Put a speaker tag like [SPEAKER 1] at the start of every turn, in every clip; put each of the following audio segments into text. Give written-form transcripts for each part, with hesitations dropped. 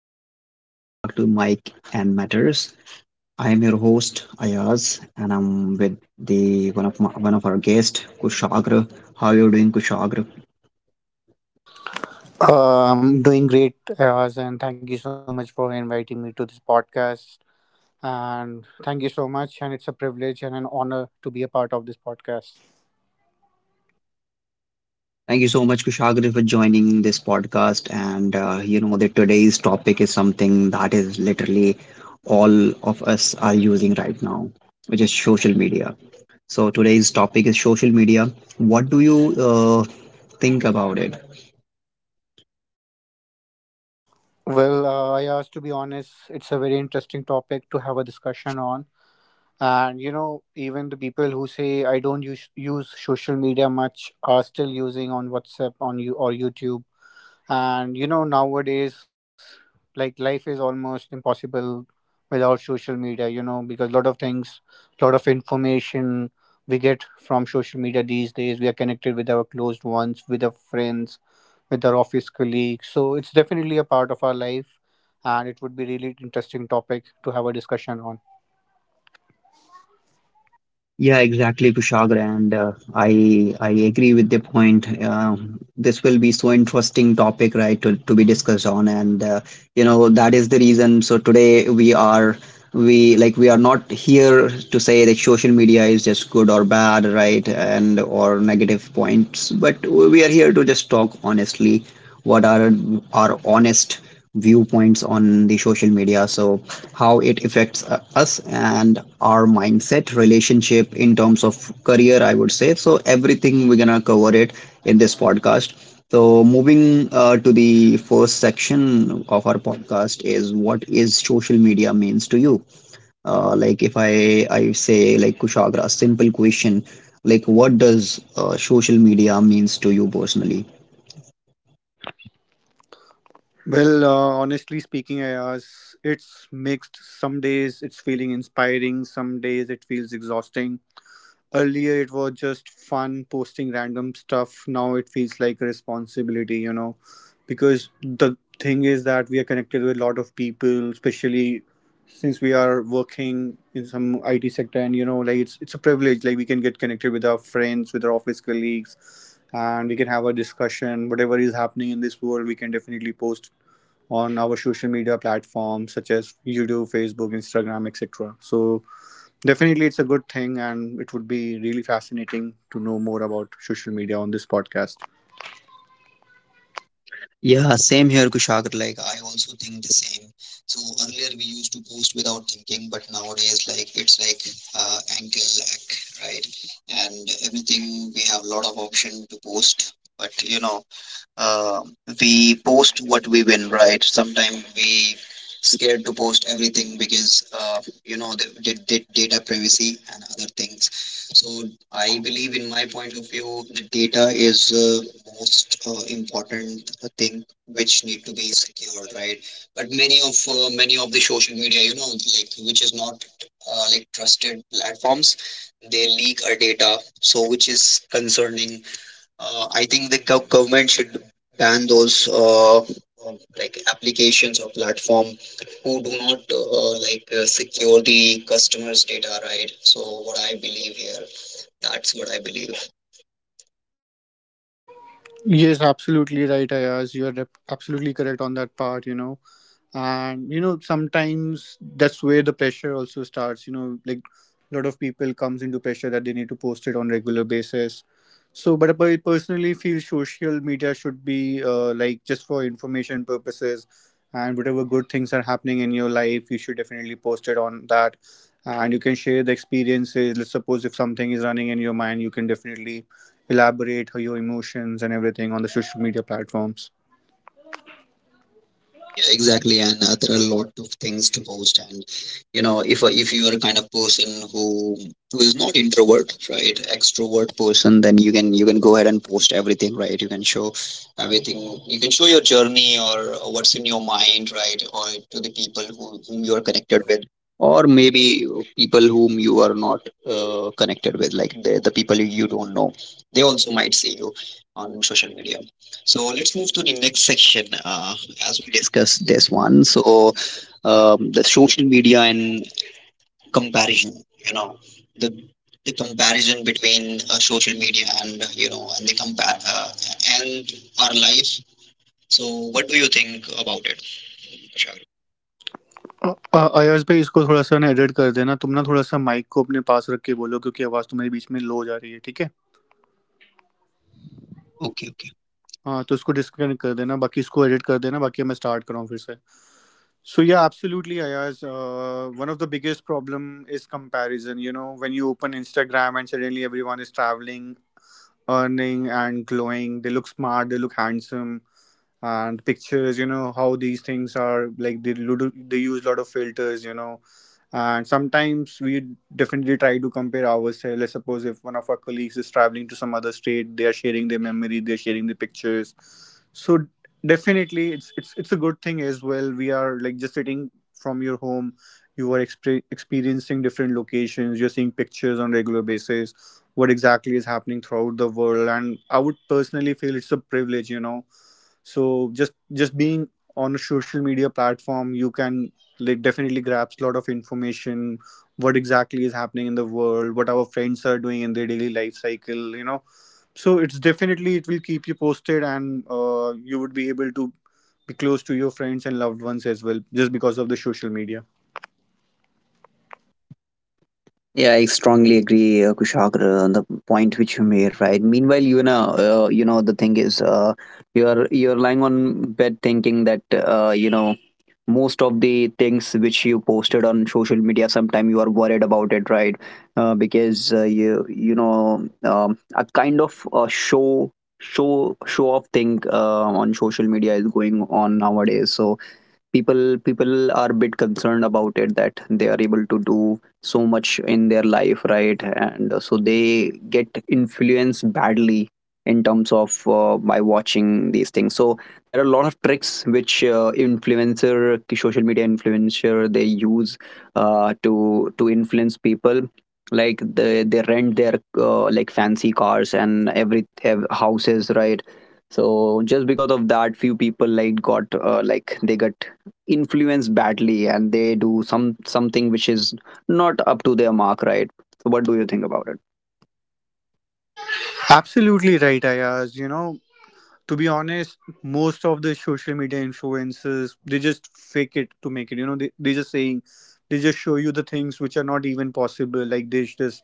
[SPEAKER 1] everyone? Welcome back to Mike and Matters. I am your host Ayaz, and I'm with the one of my, one of our guests, Kushagra. How are you doing, Kushagra?
[SPEAKER 2] I'm doing great, Ayaz, and thank you so much for inviting me to this podcast. And thank you so much, and it's a privilege and an honor to be a part of this podcast.
[SPEAKER 1] Thank you so much, Kushagra, for joining this podcast. And you know that today's topic is something that is literally all of us are using right now, which is social media. So today's topic is social media. What do you think about it?
[SPEAKER 2] Well, Ayaz, to be honest, it's a very interesting topic to have a discussion on. And you know, even the people who say I don't use social media much are still using on WhatsApp on you or YouTube. And you know, nowadays, like life is almost impossible without social media, you know, because a lot of things, a lot of information we get from social media these days. We are connected with our closed ones, with our friends, with our office colleagues. So it's definitely a part of our life. And it would be really interesting topic to have a discussion on.
[SPEAKER 1] Yeah, exactly, Kushagra, and I agree with the point. This will be so interesting topic, right, to be discussed on, and you know that is the reason. So today we are not here to say that social media is just good or bad, right, and or negative points, but we are here to just talk honestly what are our honest viewpoints on the social media. So how it affects us and our mindset, relationship, in terms of career, I would say. So everything we're gonna cover it in this podcast. So moving to the first section of our podcast is what is social media means to you. Like if I say, like, Kushagra, simple question, like what does social media means to you personally?
[SPEAKER 2] Well, honestly speaking, Ayaz, it's mixed. Some days it's feeling inspiring, some days it feels exhausting. Earlier, it was just fun posting random stuff. Now it feels like a responsibility, you know, because the thing is that we are connected with a lot of people, especially since we are working in some IT sector, and you know, like it's a privilege. Like we can get connected with our friends, with our office colleagues, and we can have a discussion. Whatever is happening in this world, we can definitely post on our social media platforms such as YouTube, Facebook, Instagram, etc. So definitely, it's a good thing, and it would be really fascinating to know more about social media on this podcast.
[SPEAKER 1] Yeah, same here, Kushagra. Like, I also think the same. So earlier we used to post without thinking, but nowadays, like, it's like ankle lack, right? And everything, we have a lot of option to post, but you know, uh, we post what we win, right? Sometimes we scared to post everything because you know the data privacy and other things. So I believe, in my point of view, the data is most important thing which need to be secured, right? But many of the social media, you know, like which is not like trusted platforms, they leak our data, so which is concerning. I think the government should ban those like applications or platform who do not like secure the customers' data, right? So what I believe here, that's what I believe.
[SPEAKER 2] Yes, absolutely right, Ayaz. You're absolutely correct on that part, you know. And, you know, sometimes that's where the pressure also starts, you know, like a lot of people comes into pressure that they need to post it on regular basis. So, but I personally feel social media should be like just for information purposes, and whatever good things are happening in your life, you should definitely post it on that. And you can share the experiences. Let's suppose if something is running in your mind, you can definitely elaborate her, your emotions and everything on the social media platforms.
[SPEAKER 1] Yeah, exactly, and there are a lot of things to post. And you know, if you are a kind of person who is not introvert, right, extrovert person, then you can go ahead and post everything, right? You can show everything. You can show your journey or what's in your mind, right, or to the people who, whom you are connected with, or maybe people whom you are not connected with, like the people you don't know. They also might see you on social media. So let's move to the next section. As we discussed this one, so the social media and comparison. You know, the the comparison between social media and you know, and the compare and our life. So what do you think about it, Kushal?
[SPEAKER 2] Ayyaz भाई इसको थोड़ा सा ना edit कर देना तुम ना थोड़ा सा माइक को अपने पास रख के बोलो क्योंकि आवाज़ तुम्हारी बीच में लो जा रही है, ठीक है?
[SPEAKER 1] Okay, okay.
[SPEAKER 2] हाँ, तो इसको डिस्कनेक्ट कर देना, बाकी इसको एडिट कर देना, बाकी मैं स्टार्ट कराऊँ फिर से. So yeah, absolutely, Ayaz. One of the biggest problem is comparison. You know, when you open Instagram and suddenly everyone is traveling, earning, and glowing. They look smart. They look handsome, and pictures. You know how these things are like they use a lot of filters, you know, and sometimes we definitely try to compare ourselves. Let's suppose if one of our colleagues is traveling to some other state, they are sharing their memory, they're sharing the pictures. So definitely it's a good thing as well. We are like just sitting from your home, you are experiencing different locations, you're seeing pictures on regular basis, what exactly is happening throughout the world, and I would personally feel it's a privilege, you know. So just being on a social media platform, you can like definitely grasp a lot of information, what exactly is happening in the world, what our friends are doing in their daily life cycle, you know. So it's definitely, it will keep you posted, and you would be able to be close to your friends and loved ones as well just because of the social media.
[SPEAKER 1] Yeah, I strongly agree, Kushagra, on the point which you made. Right. Meanwhile, you know, the thing is, you're lying on bed thinking that you know most of the things which you posted on social media, sometime you are worried about it, right? Because you you know, a kind of a show off thing on social media is going on nowadays. So people are a bit concerned about it, that they are able to do so much in their life, right? And so they get influenced badly in terms of by watching these things. So there are a lot of tricks which influencer social media influencer they use to influence people. Like they rent their like fancy cars and every have houses, right? So just because of that, few people like got like they got influenced badly and they do some something which is not up to their mark, right? So what do you think about it?
[SPEAKER 2] Absolutely right, Ayaz, you know, to be honest, most of the social media influencers they just fake it to make it, you know, they just saying, they just show you the things which are not even possible, like they just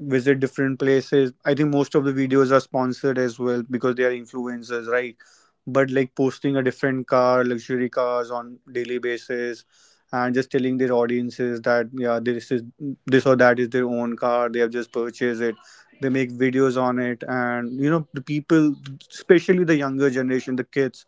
[SPEAKER 2] visit different places. I think most of the videos are sponsored as well because they are influencers, right? But like posting a different car, luxury cars on daily basis, and just telling their audiences that yeah, this is, this or that is their own car, they have just purchased it, they make videos on it. And you know, the people, especially the younger generation, the kids,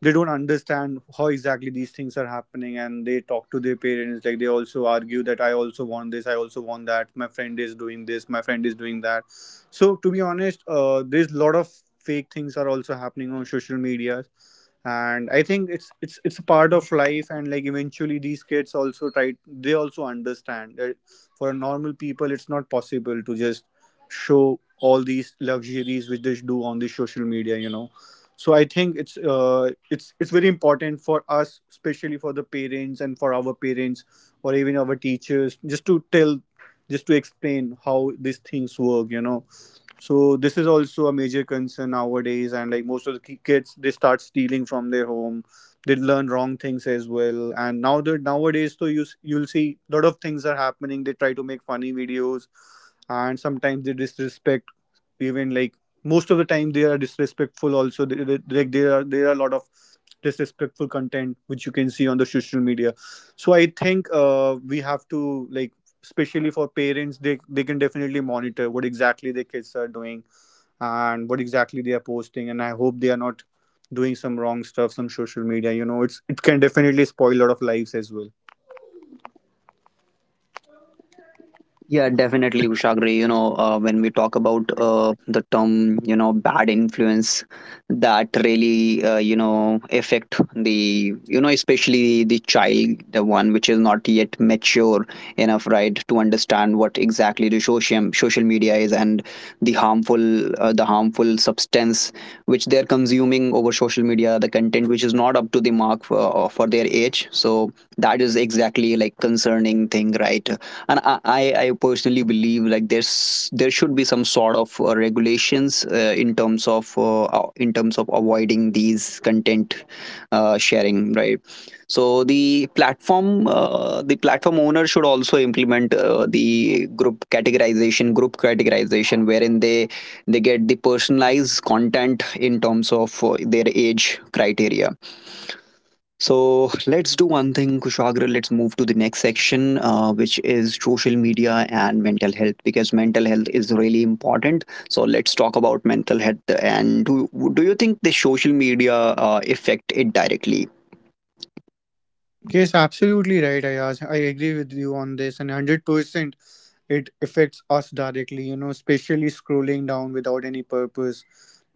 [SPEAKER 2] they don't understand how exactly these things are happening, and they talk to their parents, like they also argue that I also want this, I also want that, my friend is doing this, my friend is doing that. So to be honest, there's a lot of fake things are also happening on social media. And I think it's a part of life, and like eventually these kids also try, they also understand that for normal people it's not possible to just show all these luxuries which they do on the social media, you know. So I think it's it's very important for us, especially for the parents and for our parents or even our teachers, just to tell, just to explain how these things work, you know. So this is also a major concern nowadays, and like most of the kids they start stealing from their home, they learn wrong things as well. And now that nowadays, so you you'll see a lot of things are happening, they try to make funny videos, and sometimes they disrespect, even like, most of the time they are disrespectful also. Like there are a lot of disrespectful content which you can see on the social media. So I think we have to like, especially for parents, they can definitely monitor what exactly their kids are doing and what exactly they are posting, and I hope they are not doing some wrong stuff some social media. You know, it's, it can definitely spoil a lot of lives as well.
[SPEAKER 1] Yeah, definitely, Ushagri. You know, when we talk about the term, you know, bad influence, that really, you know, affect the, you know, especially the child, the one which is not yet mature enough, right, to understand what exactly the social media is and the harmful substance which they're consuming over social media, the content which is not up to the mark for their age. So that is exactly like concerning thing, right? And I personally believe like there should be some sort of regulations in terms of avoiding these content sharing, right? So the platform, the platform owner should also implement the group categorization, wherein they get the personalized content in terms of their age criteria. So let's do one thing, Kushagra. Let's move to the next section, which is social media and mental health, because mental health is really important. So let's talk about mental health. And do you think the social media affect it directly?
[SPEAKER 2] Yes, absolutely right, Ayaz. I agree with you on this, and 100%, it affects us directly. You know, especially scrolling down without any purpose.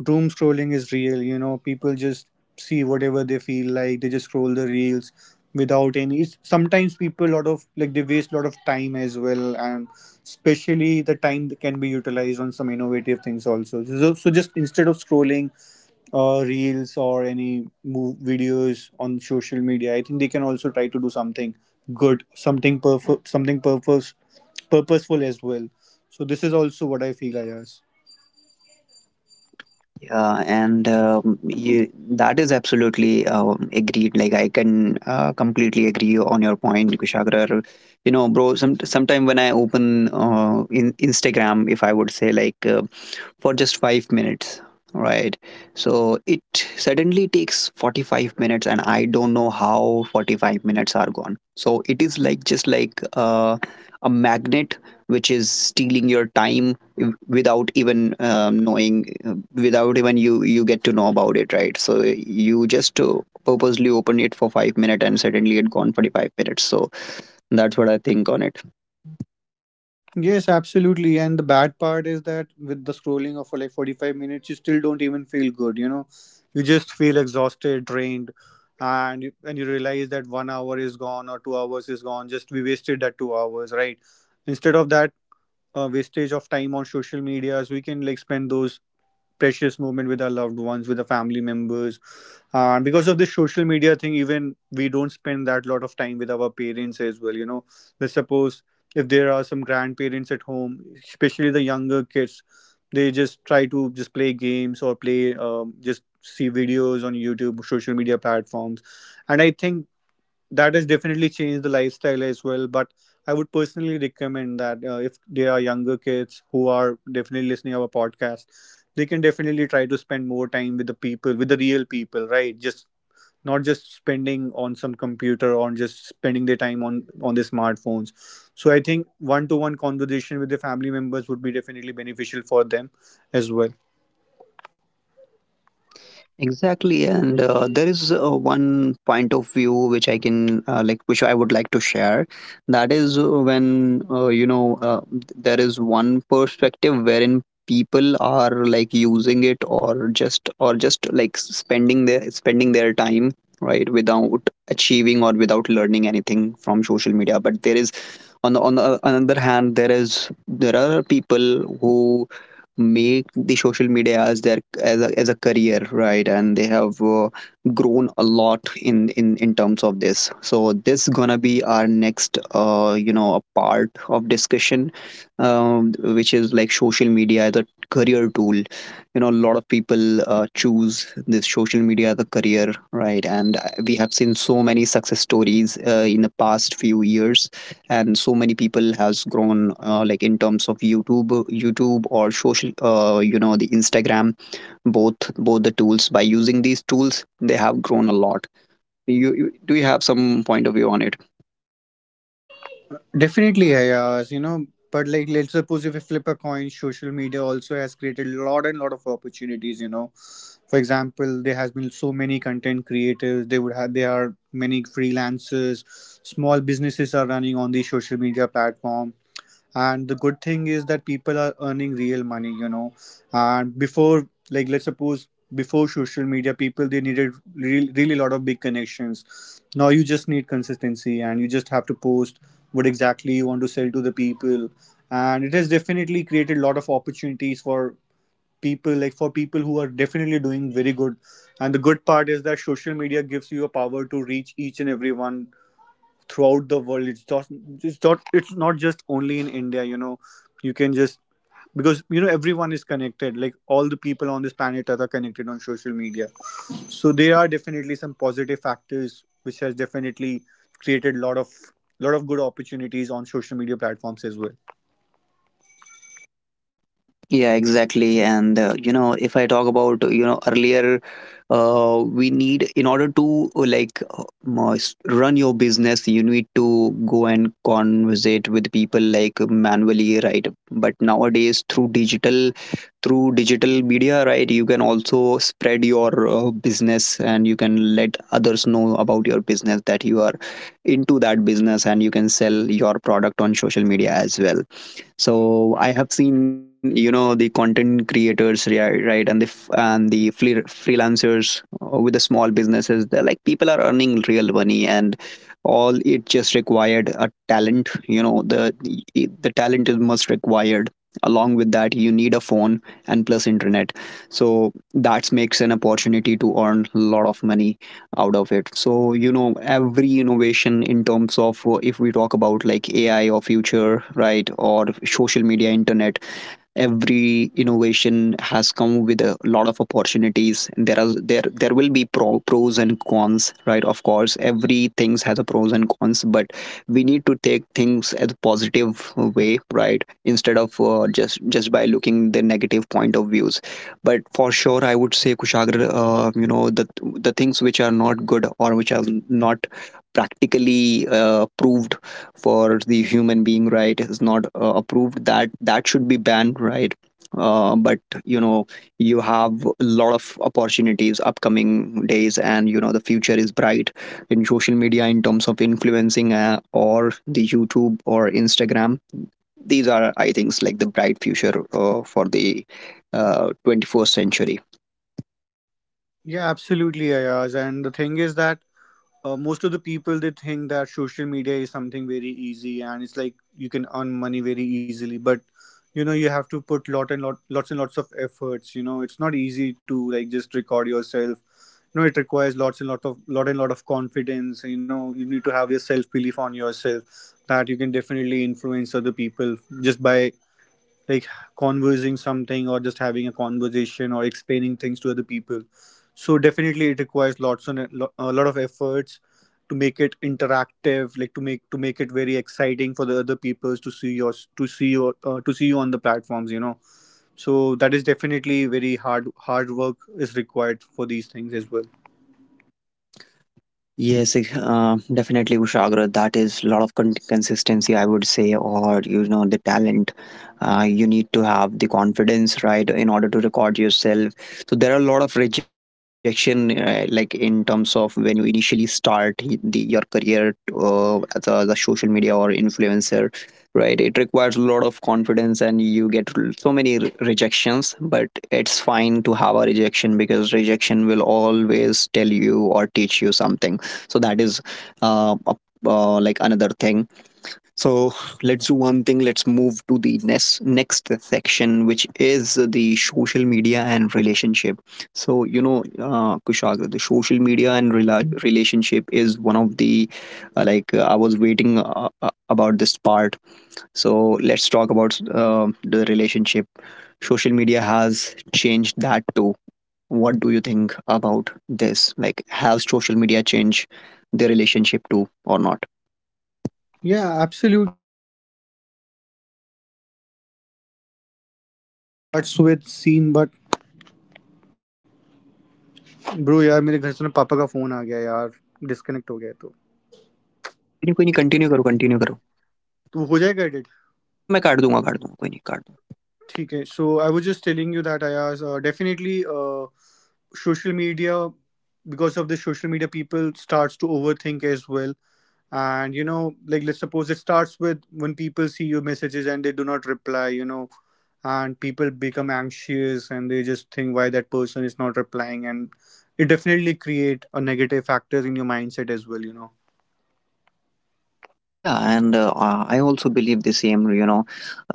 [SPEAKER 2] Doom scrolling is real. You know, people just see whatever they feel like. They just scroll the reels without any. It's, sometimes people lot of like they waste a lot of time as well, and especially the time that can be utilized on some innovative things also. So, so just instead of scrolling reels or any move videos on social media, I think they can also try to do something good, something something purposeful as well. So this is also what I feel, Ayaz.
[SPEAKER 1] Yeah, and that is absolutely agreed. Like I can completely agree on your point, Kushagra. You know, bro. Sometime when I open in Instagram, if I would say, like. For just 5 minutes, right? So it suddenly takes 45 minutes, and I don't know how 45 minutes are gone. So it is like just like a magnet which is stealing your time without even knowing, without even you get to know about it, right? So you just purposely open it for 5 minutes and suddenly it gone 45 minutes. So that's what I think on it.
[SPEAKER 2] Yes, absolutely, and the bad part is that with the scrolling of like 45 minutes you still don't even feel good, you know. You just feel exhausted, drained, and you realize that 1 hour is gone or 2 hours is gone, just we wasted that 2 hours, right? Instead of that, wastage of time on social medias, we can like spend those precious moment with our loved ones, with our family members. And because of this social media thing, even we don't spend that lot of time with our parents as well, you know. Let's suppose if there are some grandparents at home, especially the younger kids, they just try to just play games or play just see videos on YouTube social media platforms. And I think that has definitely changed the lifestyle as well. But I would personally recommend that if there are younger kids who are definitely listening our podcast, they can definitely try to spend more time with the people, with the real people, right? Just not just spending on some computer or just spending their time on their smartphones. So I think one to one conversation with their family members would be definitely beneficial for them as well.
[SPEAKER 1] Exactly, and there is one point of view which I can like, which I would like to share. That is when you know, there is one perspective wherein people are like using it or just like spending their time, right, without achieving or without learning anything from social media. But there is, on the another hand, there are people who make the social media as their as a career, right? And they have grown a lot in terms of this. So this gonna be our next you know a part of discussion, which is like social media as a career tool. You know, a lot of people choose this social media as a career, right? And we have seen so many success stories in the past few years, and so many people has grown like in terms of youtube or social you know the instagram, both the tools. By using these tools, they have grown a lot. You do you have some point of view on it?
[SPEAKER 2] Definitely, Hayas, you know, but like let's suppose if we flip a coin, social media also has created a lot and lot of opportunities, you know. For example, there has been so many content creators, they would have, there are many freelancers, small businesses are running on the social media platform. And the good thing is that people are earning real money, you know. And before, like let's suppose before social media people they needed real, really a lot of big connections. Now you just need consistency and you just have to post what exactly you want to sell to the people. And it has definitely created a lot of opportunities for people, like for people who are definitely doing very good. And the good part is that social media gives you a power to reach each and everyone throughout the world. It's not just only in India, you know. You can just, because you know, everyone is connected, like all the people on this planet Earth are connected on social media. So there are definitely some positive factors which has definitely created lot of, lot of good opportunities on social media platforms as well.
[SPEAKER 1] Yeah, exactly, and you know, if I talk about, you know, earlier we need, in order to must run your business, you need to go and conversate with people like manually, right? But nowadays through digital media, right, you can also spread your business and you can let others know about your business, that you are into that business, and you can sell your product on social media as well. So I have seen, you know, the content creators, right, and the f- and the fle- freelancers with the small businesses. They're like, people are earning real money, and all it just required a talent. You know, the talent is most required. Along with that, you need a phone and plus internet. So that makes an opportunity to earn a lot of money out of it. So you know, every innovation in terms of if we talk about, like, AI or future, right, or social media, internet, every innovation has come with a lot of opportunities. There are there will be pros and cons, right? Of course, everything has a pros and cons, but we need to take things as a positive way, right, instead of just by looking the negative point of views. But for sure, I would say, Kushagra, you know, the things which are not good or which are not practically proved for the human being, right, is not approved, that that should be banned, right? But you know, you have a lot of opportunities upcoming days, and you know the future is bright in social media in terms of influencing, or the youtube or instagram. These are, I think, like the bright future for the 21st century.
[SPEAKER 2] Yeah, absolutely, Ayaz, and the thing is that most of the people they think that social media is something very easy and it's like you can earn money very easily, but you know, you have to put lots and lots of efforts. You know, it's not easy to like just record yourself. You know, it requires lot and lot of confidence. You know, you need to have your self belief on yourself that you can definitely influence other people just by like conversing something or just having a conversation or explaining things to other people. So definitely it requires a lot of efforts to make it interactive, like to make it very exciting for the other peoples to see your, to see you on the platforms, you know. So that is definitely very hard work is required for these things as well.
[SPEAKER 1] Yes, definitely, Ushagra. That is a lot of consistency, I would say, or you know, the talent. You need to have the confidence, right, in order to record yourself. So there are a lot of rejection, like in terms of when you initially start your career as a social media or influencer, right? It requires a lot of confidence, and you get so many rejections. But it's fine to have a rejection because rejection will always tell you or teach you something, so that is, uh, a- like another thing. So let's do one thing, let's move to the next section, which is the social media and relationship. So you know, Kushagra, the social media and relationship is one of the, I was waiting, about this part. So let's talk about the relationship. Social media has changed that too. What do you think about this? Like, have social media changed their relationship to or not?
[SPEAKER 2] With scene but, bro यार मेरे घर से ना पापा का phone आ गया यार, disconnect हो गया तो,
[SPEAKER 1] कोई नहीं कंटिन्यू करो कंटिन्यू करो।
[SPEAKER 2] तो हो जाएगा एडिट.
[SPEAKER 1] हाँ हाँ मैं काट दूंगा कोई नहीं काट।
[SPEAKER 2] ठीक है, so I was just telling you that I definitely social media, because of the social media people starts to overthink as well. And you know, like let's suppose it starts with when people see your messages and they do not reply, you know. And people become anxious and they just think why that person is not replying, and it definitely create a negative factors in your mindset as well, you know.
[SPEAKER 1] Yeah, and I also believe the same, you know.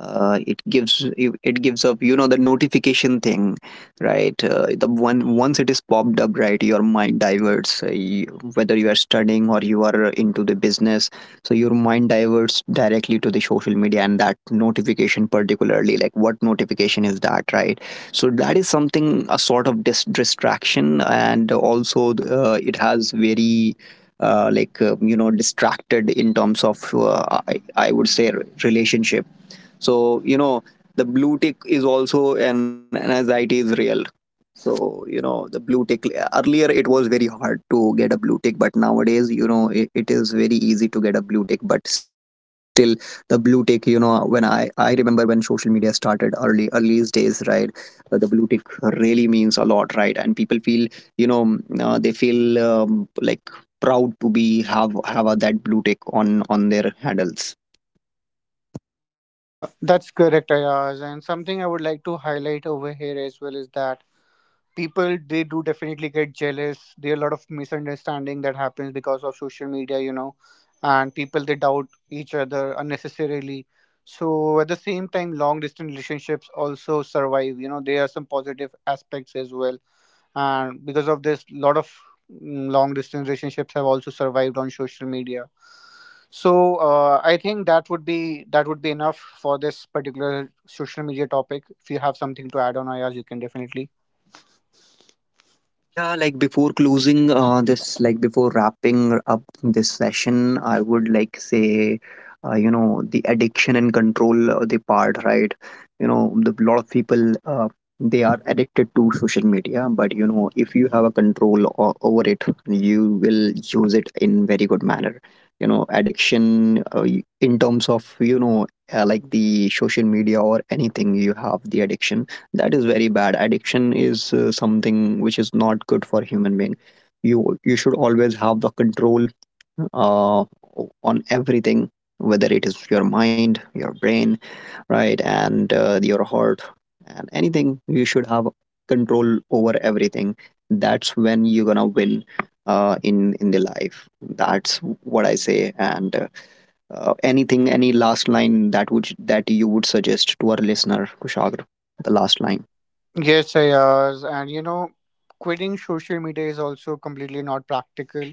[SPEAKER 1] It gives, it gives up, you know, the notification thing, right? The one Once it is popped up, right, your mind diverts, you, whether you are studying or you are into the business, so your mind diverts directly to the social media and that notification, particularly like what notification is that, right? So that is something, a sort of distraction, and also it has very, you know, distracted in terms of, I would say, relationship. So you know, the blue tick is also an anxiety, is real. So you know, the blue tick, earlier it was very hard to get a blue tick, but nowadays you know it is very easy to get a blue tick, but still the blue tick, you know, when I remember when social media started, early days, right? The blue tick really means a lot, right, and people feel, you know, they feel, like, proud to be have a, that blue tick on their handles.
[SPEAKER 2] That's correct, Ayaz. And something I would like to highlight over here as well is that people they do definitely get jealous. There are a lot of misunderstanding that happens because of social media, you know. And people they doubt each other unnecessarily. So at the same time long distance relationships also survive, you know. There are some positive aspects as well, and because of this lot of, long distance relationships have also survived on social media. So I think that would be, that would be enough for this particular social media topic. If you have something to add on, Ayaz, you can definitely.
[SPEAKER 1] Yeah, like before closing like before wrapping up this session, I would like say, you know, the addiction and control, the part, right? You know, the lot of people, they are addicted to social media, but you know, if you have a control over it, you will use it in very good manner. You know, addiction, in terms of, you know, like the social media or anything, you have the addiction, that is very bad. Addiction is something which is not good for human being. You should always have the control, uh, on everything, whether it is your mind, your brain, right, and your heart, and anything. You should have control over everything. That's when you're gonna win, in the life. That's what I say. And anything, any last line that would that you would suggest to our listener, Kushagra? The last line.
[SPEAKER 2] Yes, Ayaz. And you know, quitting social media is also completely not practical.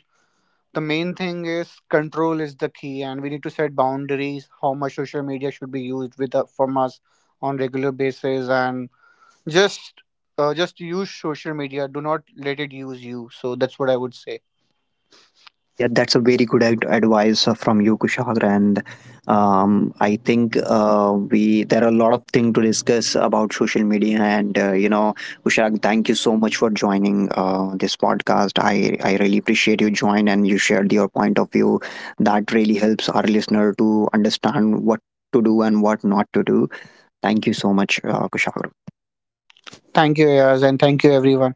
[SPEAKER 2] The main thing is control is the key, and we need to set boundaries how much social media should be used with from us on regular basis, and just just use social media. Do not let it use you. So that's what I would say.
[SPEAKER 1] Yeah, that's a very good advice from you, Kushagra, and I think we there are a lot of things to discuss about social media. And you know, Kushagra, thank you so much for joining this podcast. I really appreciate you joined and you shared your point of view. That really helps our listener to understand what to do and what not to do. Thank you so much, Kushagra.
[SPEAKER 2] Thank you, Ayaz, and thank you, everyone.